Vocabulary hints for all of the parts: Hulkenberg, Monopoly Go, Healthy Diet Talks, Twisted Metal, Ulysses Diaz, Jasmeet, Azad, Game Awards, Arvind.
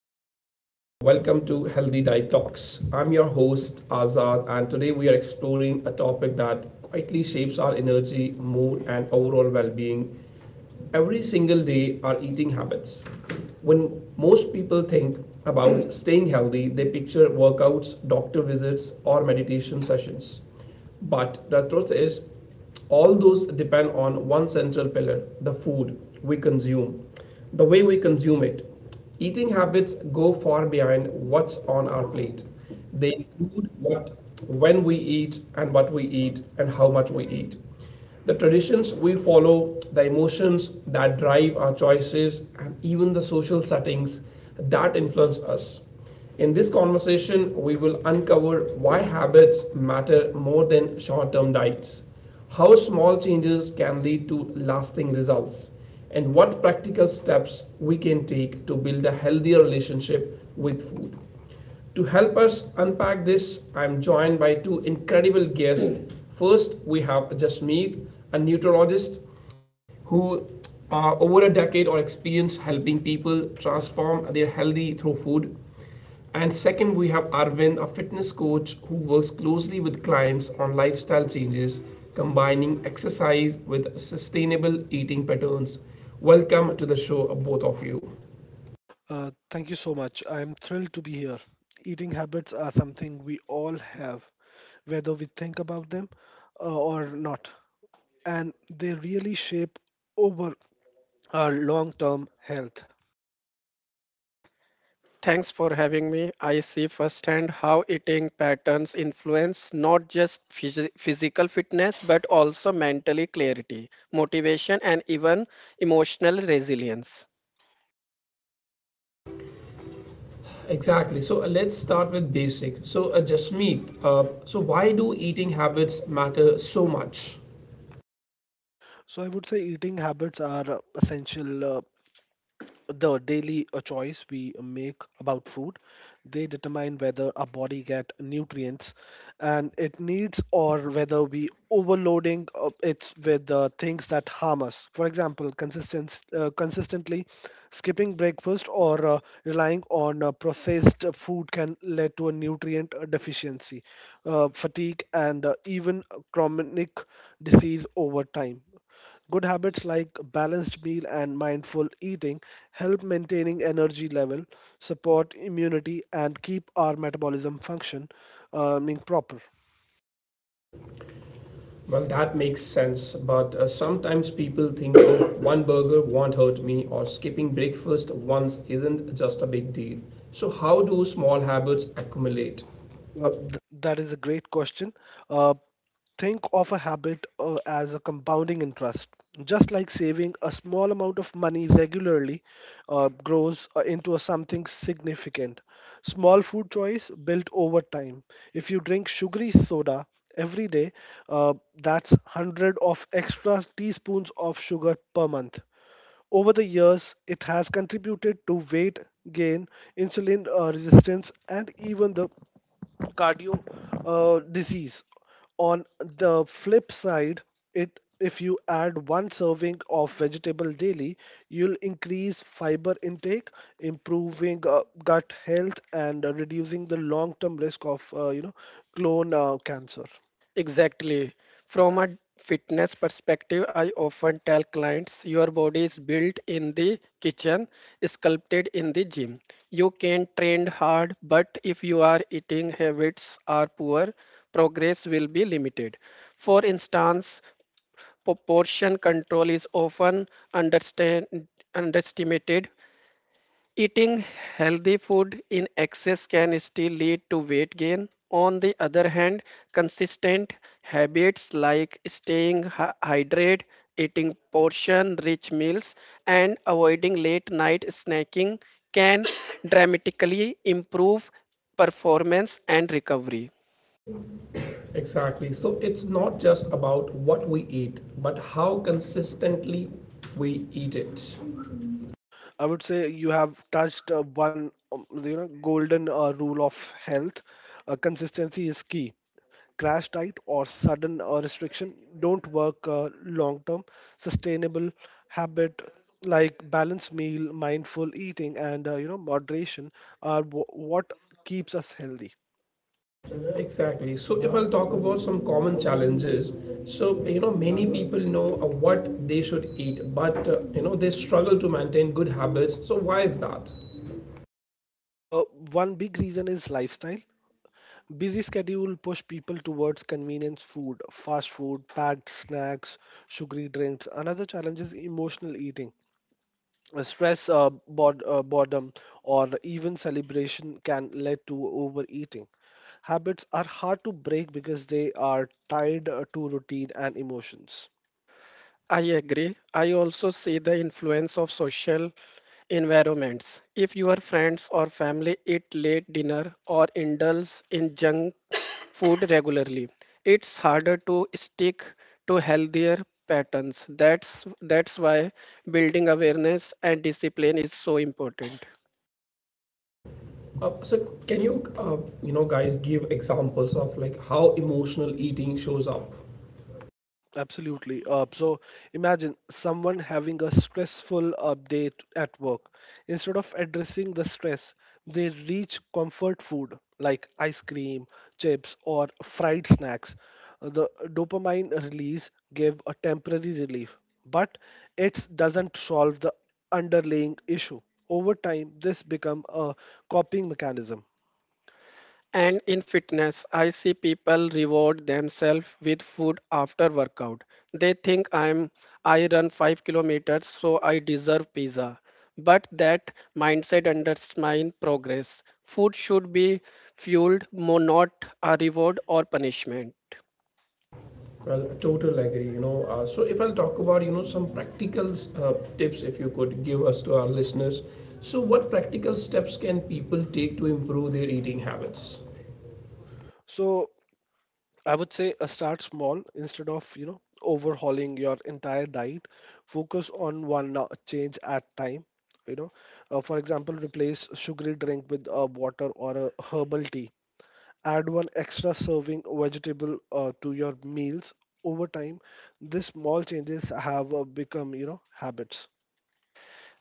Hello and welcome to Healthy Diet Talks. I'm your host Azad, and today we are exploring a topic that quietly shapes our energy, mood, and overall well being every single day: our eating habits. When most people think about staying healthy, they picture workouts, doctor visits, or meditation sessions. But the truth is, all those depend on one central pillar: the food we consume, the way we consume it. Eating habits go far behind what's on our plate. They include what, when we eat, and what we eat, and how much we eat. The traditions we follow, the emotions that drive our choices, and even the social settings that influence us. In this conversation, we will uncover why habits matter more than short term diets, how small changes can lead to lasting results, and what practical steps we can take to build a healthier relationship with food. To help us unpack this, I'm joined by two incredible guests. First, we have Jasmeet, a nutritionist, who over a decade or experience helping people transform their healthy through food. And second, we have Arvind, a fitness coach who works closely with clients on lifestyle changes, combining exercise with sustainable eating patterns. Welcome to the show, both of you. Thank you so much. I am thrilled to be here. Eating habits are something we all have, whether we think about them or not, and they really shape over our long term health. Thanks for having me. I see firsthand how eating patterns influence not just physical fitness but also mental clarity, motivation, and even emotional resilience. Exactly. So let's start with basics. So, Jasmeet, so why do eating habits matter so much? So, I would say eating habits are essential, the daily choice we make about food, they determine whether our body get nutrients and it needs, or whether we overloading it's with things that harm us. For example, consistent consistently skipping breakfast or relying on processed food can lead to a nutrient deficiency, fatigue, and even chronic disease over time. Good habits like balanced meal and mindful eating help maintaining energy level, support immunity, and keep our metabolism function being proper? Well, that makes sense, but sometimes people think, oh, one burger won't hurt me, or skipping breakfast once isn't just a big deal. So, how do small habits accumulate? Uh, th- that is a great question. Uh, Think of a habit as a compounding interest. Just like saving a small amount of money regularly grows into a something significant. Small food choice built over time. If you drink sugary soda every day, uh, that's 100 of extra teaspoons of sugar per month. Over the years, it has contributed to weight gain, insulin resistance, and even the cardio disease. On the flip side, it if you add one serving of vegetable daily, you'll increase fiber intake, improving gut health, and reducing the long-term risk of you know colon cancer. Exactly. From a fitness perspective, I often tell clients your body is built in the kitchen, sculpted in the gym. You can train hard, but if your eating habits are poor, progress will be limited. For instance, proportion control is often understand, underestimated. Eating healthy food in excess can still lead to weight gain. On the other hand, consistent habits like staying hydrated, eating portion rich meals, and avoiding late night snacking can dramatically improve performance and recovery. Exactly. So, it's not just about what we eat, but how consistently we eat it. I would say you have touched one golden rule of health. Consistency is key. Crash diet or sudden restriction don't work long term, sustainable habit like balanced meal, mindful eating, and moderation are what keeps us healthy. Exactly. So, if I'll talk about some common challenges, so you know, many people know what they should eat, but you know, they struggle to maintain good habits. So, why is that? uh, One big reason is lifestyle. Busy schedule push people towards convenience food, fast food, packed snacks, sugary drinks. Another challenge is emotional eating. Stress, boredom, or even celebration can lead to overeating. Habits are hard to break because they are tied to routine and emotions. I agree. I also see the influence of social environments. If your friends or family eat late dinner or indulge in junk food regularly, it's harder to stick to healthier patterns. That's why building awareness and discipline is so important. So can you uh, you know guys give examples of like how emotional eating shows up? Absolutely. So imagine someone having a stressful update at work. Instead of addressing the stress, they reach comfort food like ice cream, chips, or fried snacks. The dopamine release gave a temporary relief, but it doesn't solve the underlying issue. Over time, this become a coping mechanism. And in fitness, I see people reward themselves with food after workout. They think, I run 5 kilometers so I deserve pizza. But that mindset undermines progress. Food should be fueled, more not a reward or punishment. Well, I total agree. You know, so if I'll talk about you know some practical tips, if you could give us to our listeners. So what practical steps can people take to improve their eating habits? So I would say start small instead of overhauling your entire diet. Focus on one change at time. You know, for example, replace sugary drink with water or a herbal tea. Add one extra serving vegetable to your meals. Over time, these small changes have become habits.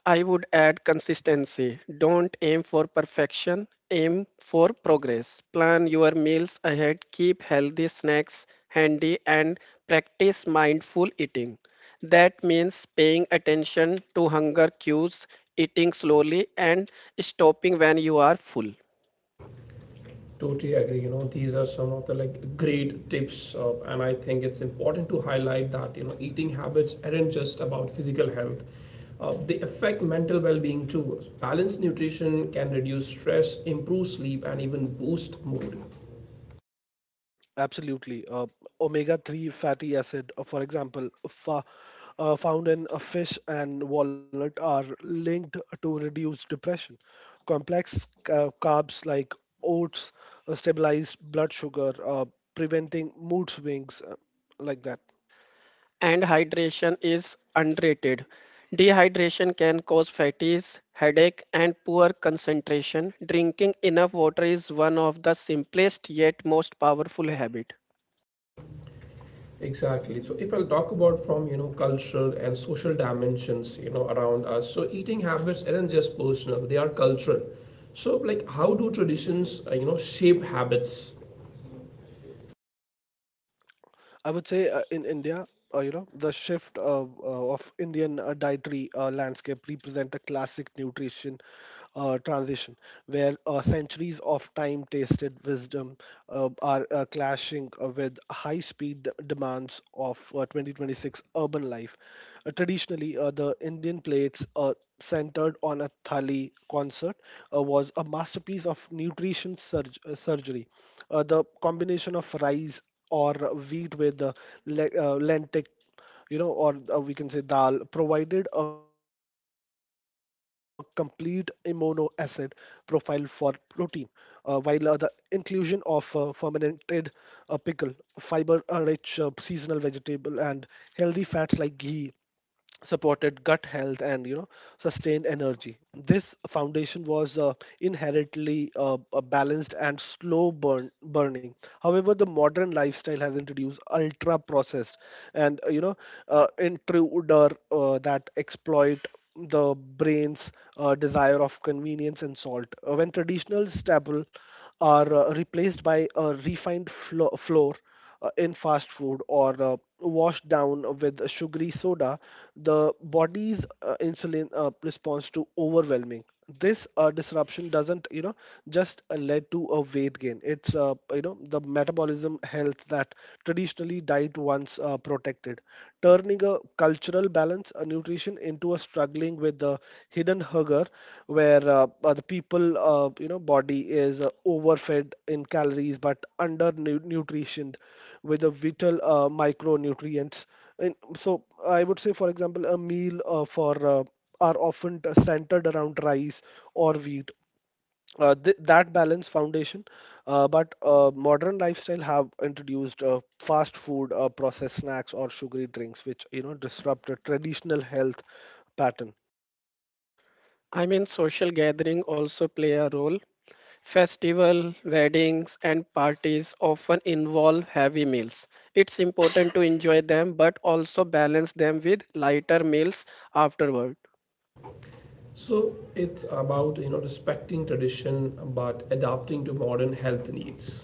I would add consistency. Don't aim for perfection, aim for progress. Plan your meals ahead, keep healthy snacks handy, and practice mindful eating. That means paying attention to hunger cues, eating slowly, and stopping when you are full. Totally agree. You know, these are some of the like great tips, and I think it's important to highlight that you know eating habits aren't just about physical health; they affect mental well-being too. Balanced nutrition can reduce stress, improve sleep, and even boost mood. Absolutely. Omega-3 fatty acid, for example, found in a fish and walnut are linked to reduce depression. Complex carbs like oats stabilize blood sugar, preventing mood swings like that. And hydration is underrated. Dehydration can cause fatigues, headache, and poor concentration. Drinking enough water is one of the simplest yet most powerful habit. Exactly. So if I'll talk about from you know cultural and social dimensions, you know, around us. So eating habits aren't just personal; they are cultural. So like, how do traditions you know shape habits? I would say in India, the shift of Indian dietary landscape represent a classic nutrition transition where centuries of time tasted wisdom are clashing with high speed demands of 2026 urban life. Traditionally, the Indian plates centered on a thali concert was a masterpiece of nutrition surgery. The combination of rice or wheat with lentic, you know, or we can say dal, provided a complete amino acid profile for protein, while the inclusion of fermented pickle, fiber rich seasonal vegetable, and healthy fats like ghee supported gut health and sustained energy. This foundation was inherently balanced and slow burning. However, the modern lifestyle has introduced ultra processed and intruder that exploit the brain's desire of convenience and salt. When traditional staple are replaced by a refined flour in fast food or washed down with sugary soda, the body's insulin response to overwhelming. This disruption doesn't, just led to a weight gain. It's, the metabolism health that traditionally diet once protected, turning a cultural balance, a nutrition into a struggling with the hidden hunger, where the people, body is overfed in calories but under nutritioned with the vital micronutrients. And so I would say, for example, a meal for are often centered around rice or wheat, that balance foundation, but modern lifestyle have introduced fast food, processed snacks, or sugary drinks, which disrupt the traditional health pattern. I mean, social gathering also play a role. Festival, weddings, and parties often involve heavy meals. It's important to enjoy them, but also balance them with lighter meals afterward. So it's about you know respecting tradition but adapting to modern health needs.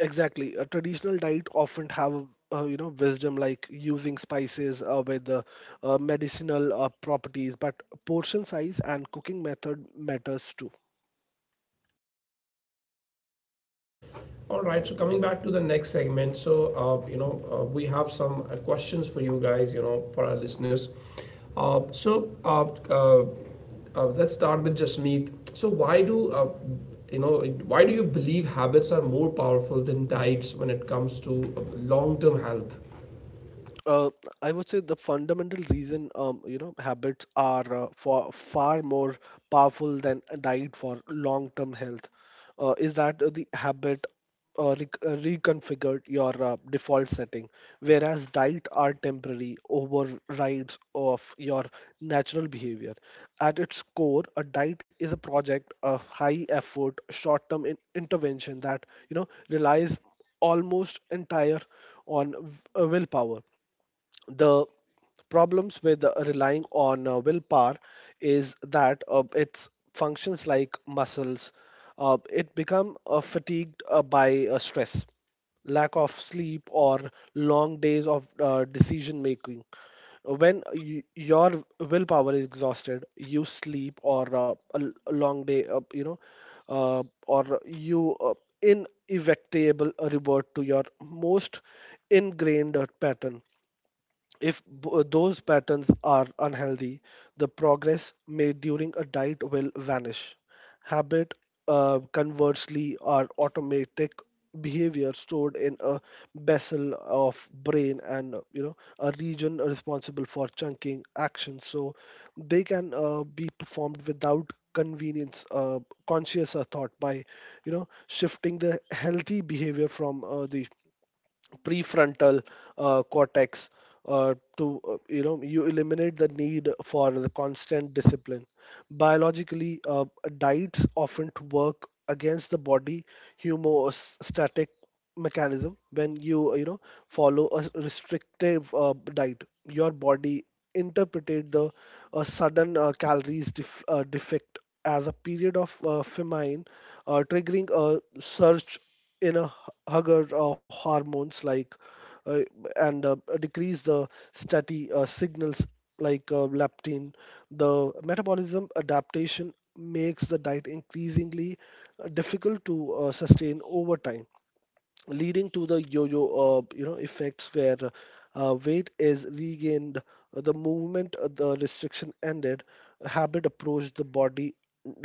Exactly. A traditional diet often have wisdom like using spices with the medicinal properties, but portion size and cooking method matters too. All right. So coming back to the next segment. So we have some questions for you guys. You know, for our listeners. Uh, so uh, uh, let's start with Jasmeet. So why do why do you believe habits are more powerful than diets when it comes to long term health? uh, I would say the fundamental reason, habits are far, far more powerful than a diet for long-term health. Is that the habit, reconfigured your default setting, whereas diet are temporary overrides of your natural behavior. At its core, a diet is a project, a high-effort, short-term intervention that relies almost entire on willpower. The problems with relying on willpower is that it functions like muscles. It become fatigued by stress, lack of sleep, or long days of decision making. When you, your willpower is exhausted, you sleep or a long day, uh, or you inevitable revert to your most ingrained pattern. If those patterns are unhealthy, the progress made during a diet will vanish. Habit, conversely, are automatic behavior stored in a vessel of brain and a region responsible for chunking action. So they can be performed without convenience, conscious thought by shifting the healthy behavior from the prefrontal cortex to you eliminate the need for the constant discipline. Biologically, diets often work against the body homeostatic mechanism. When you you know follow a restrictive diet, your body interpreted the sudden calories defect as a period of famine, triggering a surge in a hugger hormones like uh, and decrease the steady signals like leptin. The metabolism adaptation makes the diet increasingly difficult to sustain over time, leading to the yo-yo effects where weight is regained the movement the restriction ended. Habit approached the body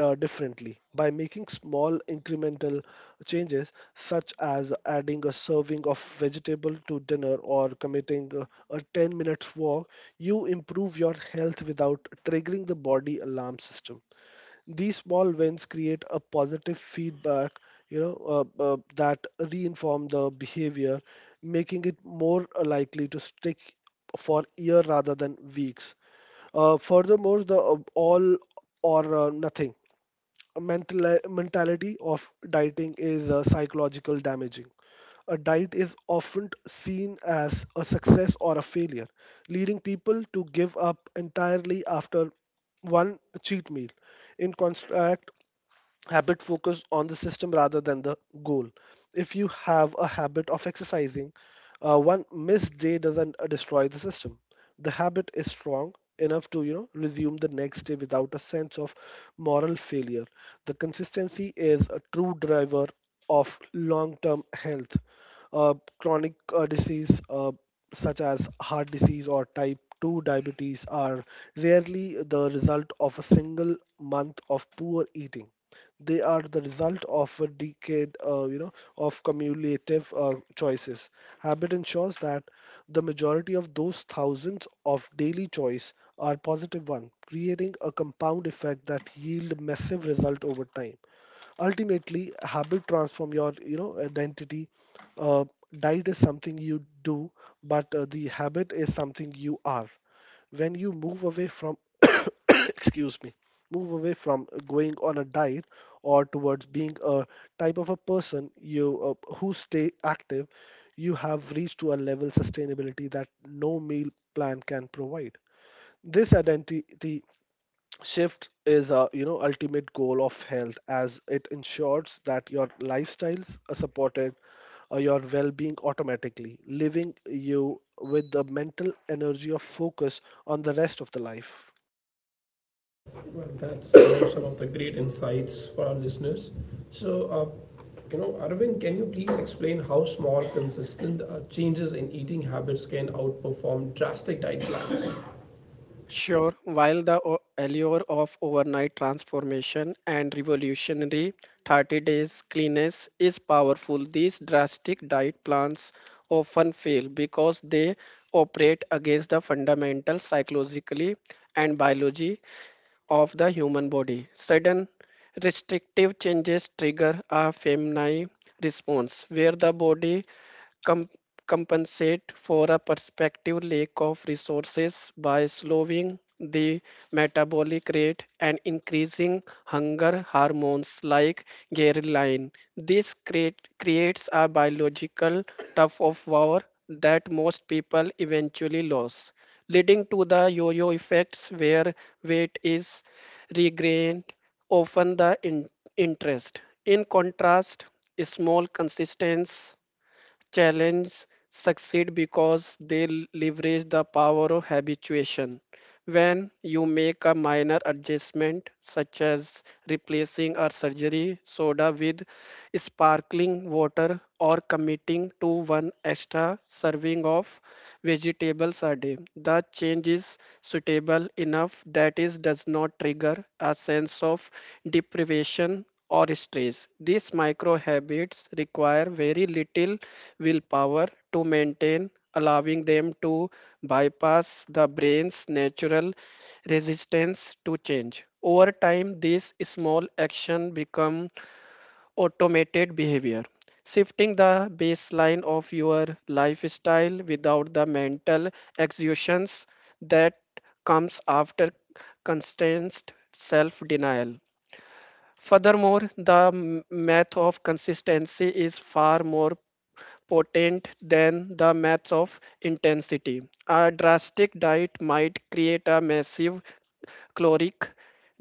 differently by making small incremental changes such as adding a serving of vegetable to dinner or committing a 10 minute minutes walk, you improve your health without triggering the body alarm system. These small wins create a positive feedback, that reinform the behavior, making it more likely to stick for year rather than weeks. Furthermore, the all or nothing mentality of dieting is psychological damaging. A diet is often seen as a success or a failure, leading people to give up entirely after one cheat meal. In contrast, habit focus on the system rather than the goal. If you have a habit of exercising, one missed day doesn't destroy the system. The habit is strong enough to resume the next day without a sense of moral failure. The consistency is a true driver of long term health. Chronic disease such as heart disease or type 2 diabetes are rarely the result of a single month of poor eating. They are the result of a decade, of cumulative choices. Habit ensures that the majority of those thousands of daily choice are positive one, creating a compound effect that yield massive result over time. Ultimately, habit transform your identity. uh, Diet is something you do, but the habit is something you are. When you move away from, excuse me, move away from going on a diet or towards being a type of a person you who stay active, you have reached to a level sustainability that no meal plan can provide. This identity shift is a ultimate goal of health, as it ensures that your lifestyles are supported, your well being automatically, leaving you with the mental energy of focus on the rest of the life. Well, that's some of the great insights for our listeners. So, you know, Arvind, can you please explain how small, consistent changes in eating habits can outperform drastic diet plans? Sure, while the allure of overnight transformation and revolutionary 30 days cleanness is powerful, these drastic diet plans often fail because they operate against the fundamental psychologically and biology of the human body. Sudden restrictive changes trigger a feminine response where the body com- compensate for a prospective lack of resources by slowing the metabolic rate and increasing hunger hormones like ghrelin. This creates a biological tug of war that most people eventually lose, leading to the yo-yo effects where weight is regained often the interest. In contrast, small consistence challenges succeed because they leverage the power of habituation. When you make a minor adjustment, such as replacing a surgery soda with sparkling water or committing to one extra serving of vegetables a day, the change is suitable enough that it does not trigger a sense of deprivation or stress. These micro habits require very little willpower to maintain, allowing them to bypass the brain's natural resistance to change. Over time, these small actions become automated behavior, shifting the baseline of your lifestyle without the mental exertions that comes after constant self denial. Furthermore, the math of consistency is far more potent than the math of intensity. A drastic diet might create a massive caloric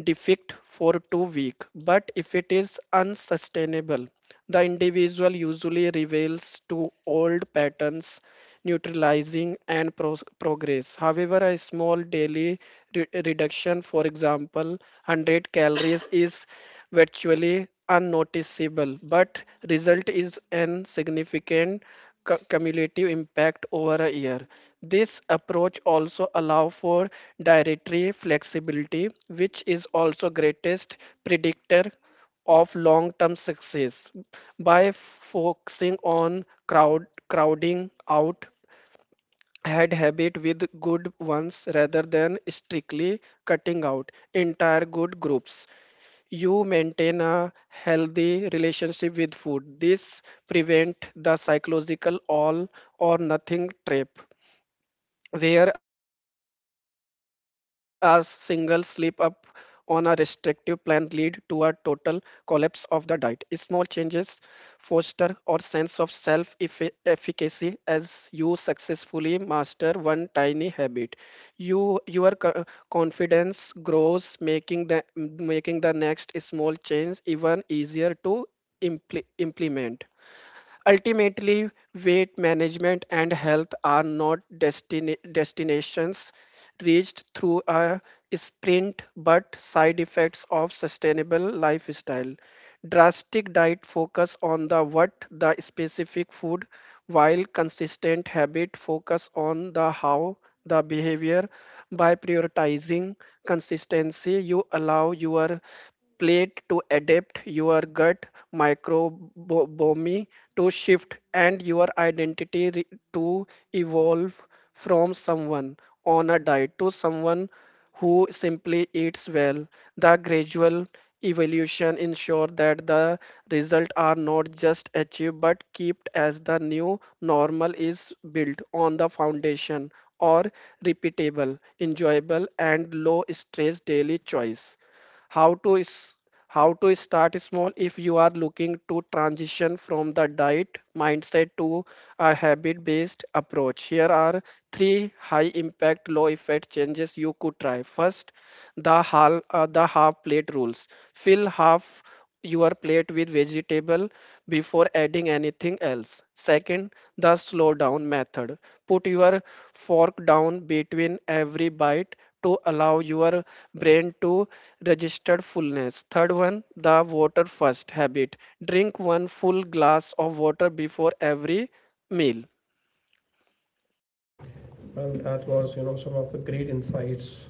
deficit for 2 weeks, but if it is unsustainable, the individual usually reveals to old patterns, neutralizing and progress. However, a small daily reduction, for example, 100 calories, is virtually unnoticeable, but result is an significant cumulative impact over a year. This approach also allow for dietary flexibility, which is also greatest predictor of long-term success. By focusing on crowding out had habit with good ones rather than strictly cutting out entire good groups, you maintain a healthy relationship with food. This prevent the psychological all or nothing trap where a single slip up on a restrictive plan lead to a total collapse of the diet. Small changes foster our sense of self-efficacy. As you successfully master one tiny habit, your confidence grows, making the next small change even easier to implement. Ultimately, weight management and health are not destinations reached through a sprint but side effects of sustainable lifestyle. Drastic diet focus on the what, the specific food, while consistent habit focus on the how, the behavior. By prioritizing consistency, you allow your plate to adapt, your gut microbiome to shift, and your identity to evolve from someone on a diet to someone who simply eats well. The gradual evolution ensure that the result are not just achieved but kept as the new normal is built on the foundation or repeatable, enjoyable and low stress daily choice. How to is how to start small. If you are looking to transition from the diet mindset to a habit based approach, here are three high impact low effect changes you could try. First, the half plate rules, fill half your plate with vegetable before adding anything else. Second, the slow down method, put your fork down between every bite to allow your brain to register fullness. Third one, the water first habit. Drink one full glass of water before every meal. Well, that was, you know, some of the great insights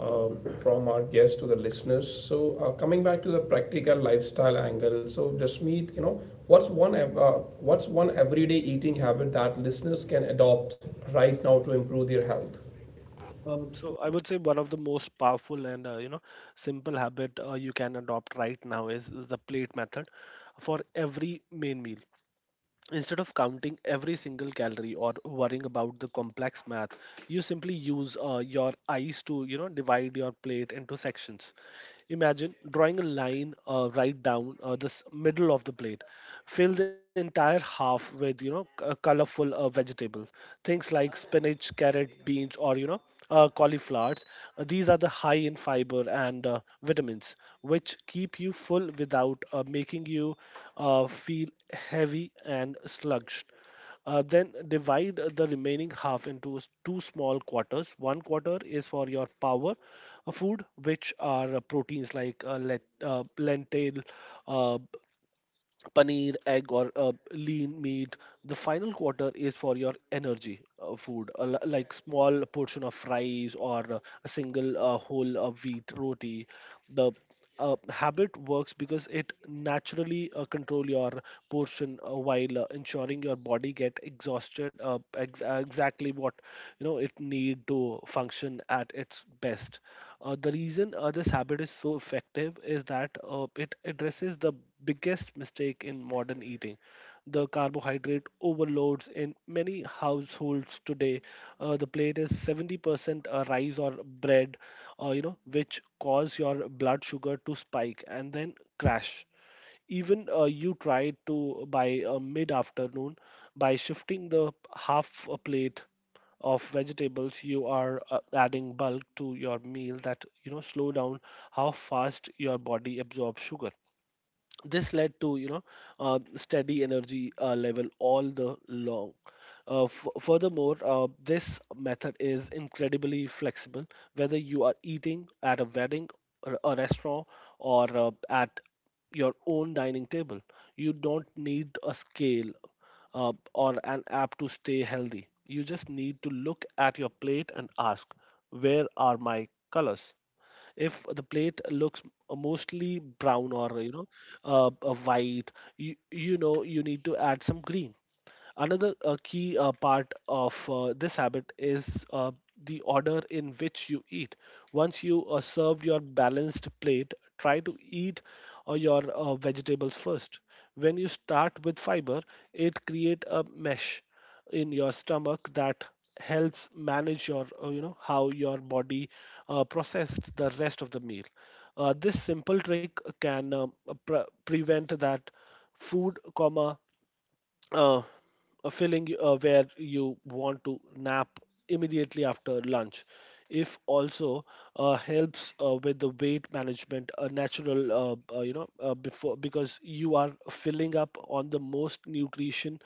uh, from our guests to the listeners. So, coming back to the practical lifestyle angle, so Jasmeet, you know, what's one ev- uh, what's one everyday eating habit that listeners can adopt right now to improve their health? So I would say one of the most powerful and simple habit you can adopt right now is the plate method for every main meal. Instead of counting every single calorie or worrying about the complex math, you simply use your eyes to, divide your plate into sections. Imagine drawing a line right down the middle of the plate. Fill the entire half with, you know, colorful vegetables, things like spinach, carrot, beans, or cauliflowers. These are the high in fiber and vitamins, which keep you full without making you feel heavy and sluggish. Then divide the remaining half into two small quarters. One quarter is for your power food, which are proteins like lentil, uh, paneer, egg, or lean meat. The final quarter is for your energy food, like small portion of fries or a single whole wheat roti. The habit works because it naturally control your portion while ensuring your body get exhausted exactly what you know it need to function at its best. The reason this habit is so effective is that it addresses the biggest mistake in modern eating, the carbohydrate overloads in many households today. The plate is 70% rice or bread, you know, which cause your blood sugar to spike and then crash even you try to by mid afternoon. By shifting the half a plate of vegetables, you are adding bulk to your meal that, you know, slow down how fast your body absorbs sugar. This led to, you know, steady energy level all the long. Furthermore, this method is incredibly flexible whether you are eating at a wedding or a restaurant, or at your own dining table. You don't need a scale or an app to stay healthy. You just need to look at your plate and ask, where are my colors? If the plate looks mostly brown or, you know, white, you know, you need to add some green. Another key part of this habit is the order in which you eat. Once you serve your balanced plate, try to eat your vegetables first. When you start with fiber, it creates a mesh in your stomach that helps manage your, you know, how your body processed the rest of the meal. This simple trick can prevent that food comma, uh, a feeling where you want to nap immediately after lunch. If also helps with the weight management, a natural, you know, before because you are filling up on the most nutrition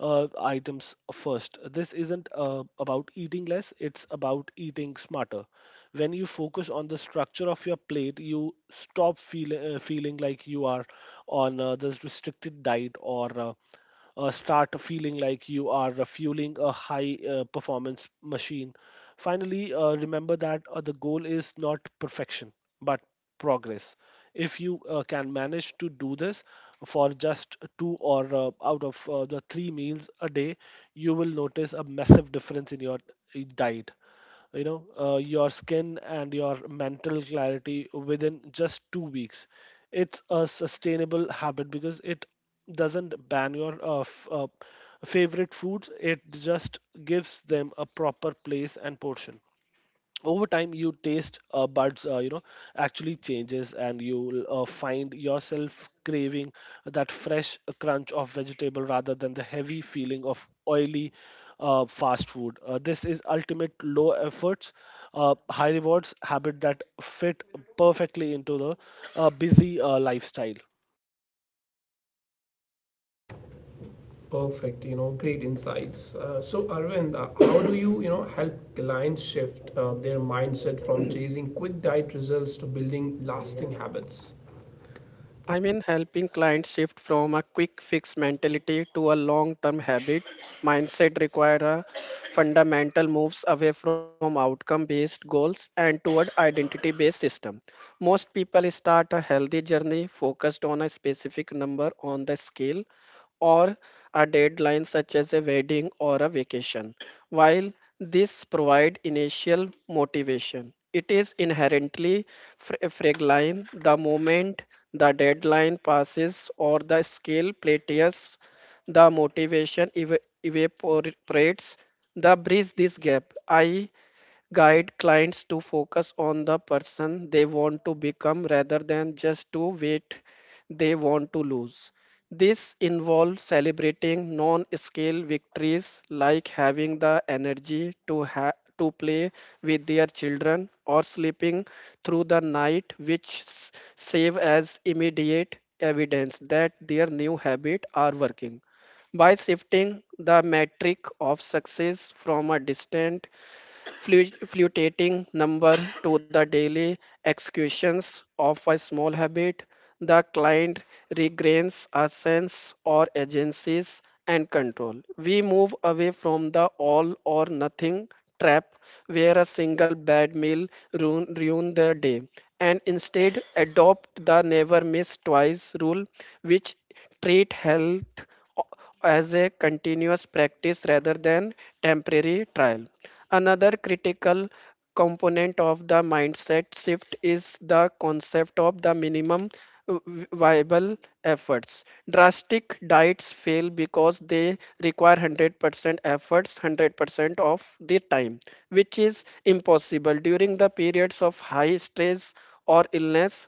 items first. This isn't about eating less; it's about eating smarter. When you focus on the structure of your plate, you stop feeling like you are on this restricted diet, or start feeling like you are fueling a high performance machine. Finally, remember that the goal is not perfection, but progress. If you can manage to do this for just two or out of the three meals a day, you will notice a massive difference in your diet, you know, your skin and your mental clarity within just two weeks. It's a sustainable habit because it doesn't ban your favorite foods. It just gives them a proper place and portion. Over time, you taste buds, you know, actually changes and you'll find yourself craving that fresh crunch of vegetable rather than the heavy feeling of oily fast food. This is ultimate low efforts high rewards habit that fit perfectly into the busy lifestyle. Perfect, you know, great insights. So, Arvind, how do you, you know, help clients shift their mindset from chasing quick diet results to building lasting habits? I mean, helping clients shift from a quick fix mentality to a long term habit. Mindset require a fundamental moves away from outcome based goals and toward identity based system. Most people start a healthy journey focused on a specific number on the scale or a deadline such as a wedding or a vacation. While this provide initial motivation, it is inherently fragile. The moment the deadline passes or the skill plateaus, the motivation evaporates. The bridge this gap, I guide clients to focus on the person they want to become rather than just to weight they want to lose. This involves celebrating non scale victories like having the energy to, to play with their children or sleeping through the night, which serve as immediate evidence that their new habits are working. By shifting the metric of success from a distant flutating number to the daily executions of a small habit, the client regains a sense or agencies and control. We move away from the all or nothing trap where a single bad meal ruin their day and instead adopt the never miss twice rule which treat health as a continuous practice rather than temporary trial. Another critical component of the mindset shift is the concept of the minimum uh, viable efforts. Drastic diets fail because they require 100% efforts 100% of the time, which is impossible during the periods of high stress or illness.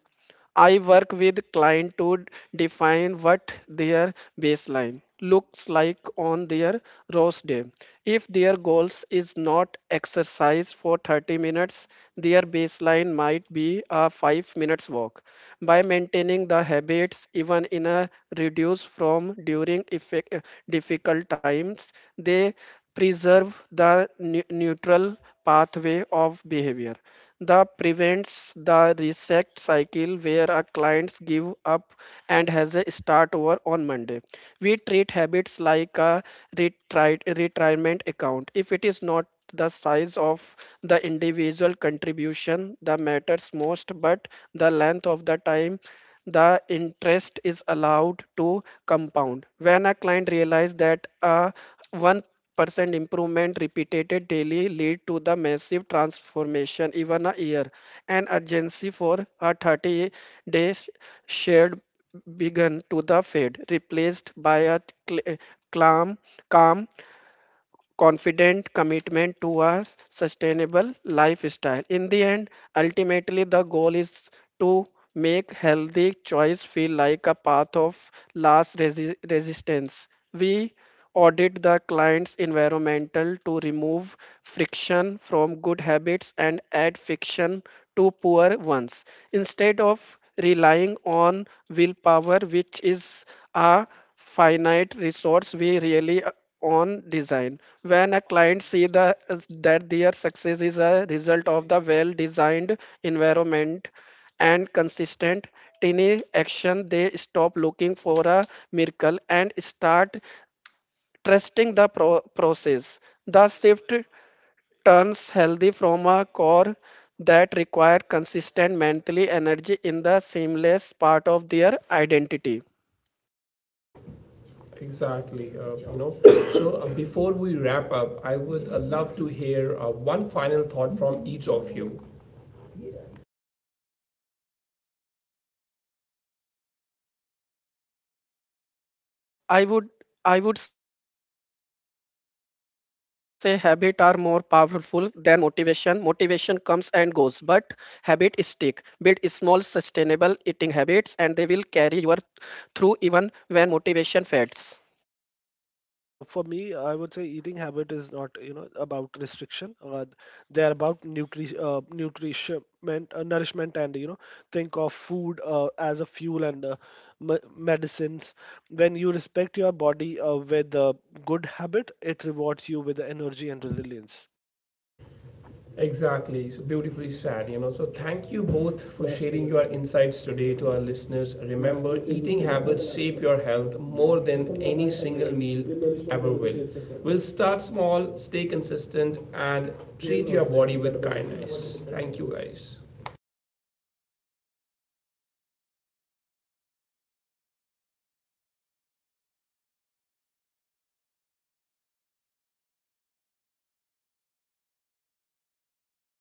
I work with client to define what their baseline looks like on their rose day. If their goals is not exercise for 30 minutes, their baseline might be a 5 minutes walk. By maintaining the habits even in a reduced from during effect, difficult times, they preserve the neutral pathway of behavior. The prevents the reset cycle where our clients give up and has a start over on Monday. We treat habits like a retirement account. If it is not the size of the individual contribution that matters most, but the length of the time the interest is allowed to compound. When a client realizes that a 1% improvement repeated daily lead to the massive transformation even a year. An urgency for a 30 days shared began to the fade, replaced by a cl- calm calm confident commitment to a sustainable lifestyle. In the end, ultimately, the goal is to make healthy choice feel like a path of last resistance. We audit the client's environmental to remove friction from good habits and add friction to poor ones instead of relying on willpower, which is a finite resource. We really on design. When a client see the that their success is a result of the well designed environment and consistent tiny action, they stop looking for a miracle and start trusting the process. The shift turns healthy from a core that require consistent mentally energy in the seamless part of their identity. Exactly, you know. So, before we wrap up, I would love to hear one final thought from each of you. I would I would say habits are more powerful than motivation. Motivation comes and goes, but habit stick. Build small sustainable eating habits and they will carry you through even when motivation fades. For me, I would say eating habit is not, you know, about restriction. They are about nutrition, nourishment, and, you know, think of food as a fuel and medicines. When you respect your body with a good habit, it rewards you with energy and resilience. Exactly. So beautifully said, you know. So thank you both for sharing your insights today to our listeners. Remember, eating habits shape your health more than any single meal ever will. We'll start small, stay consistent, and treat your body with kindness. Thank you, guys.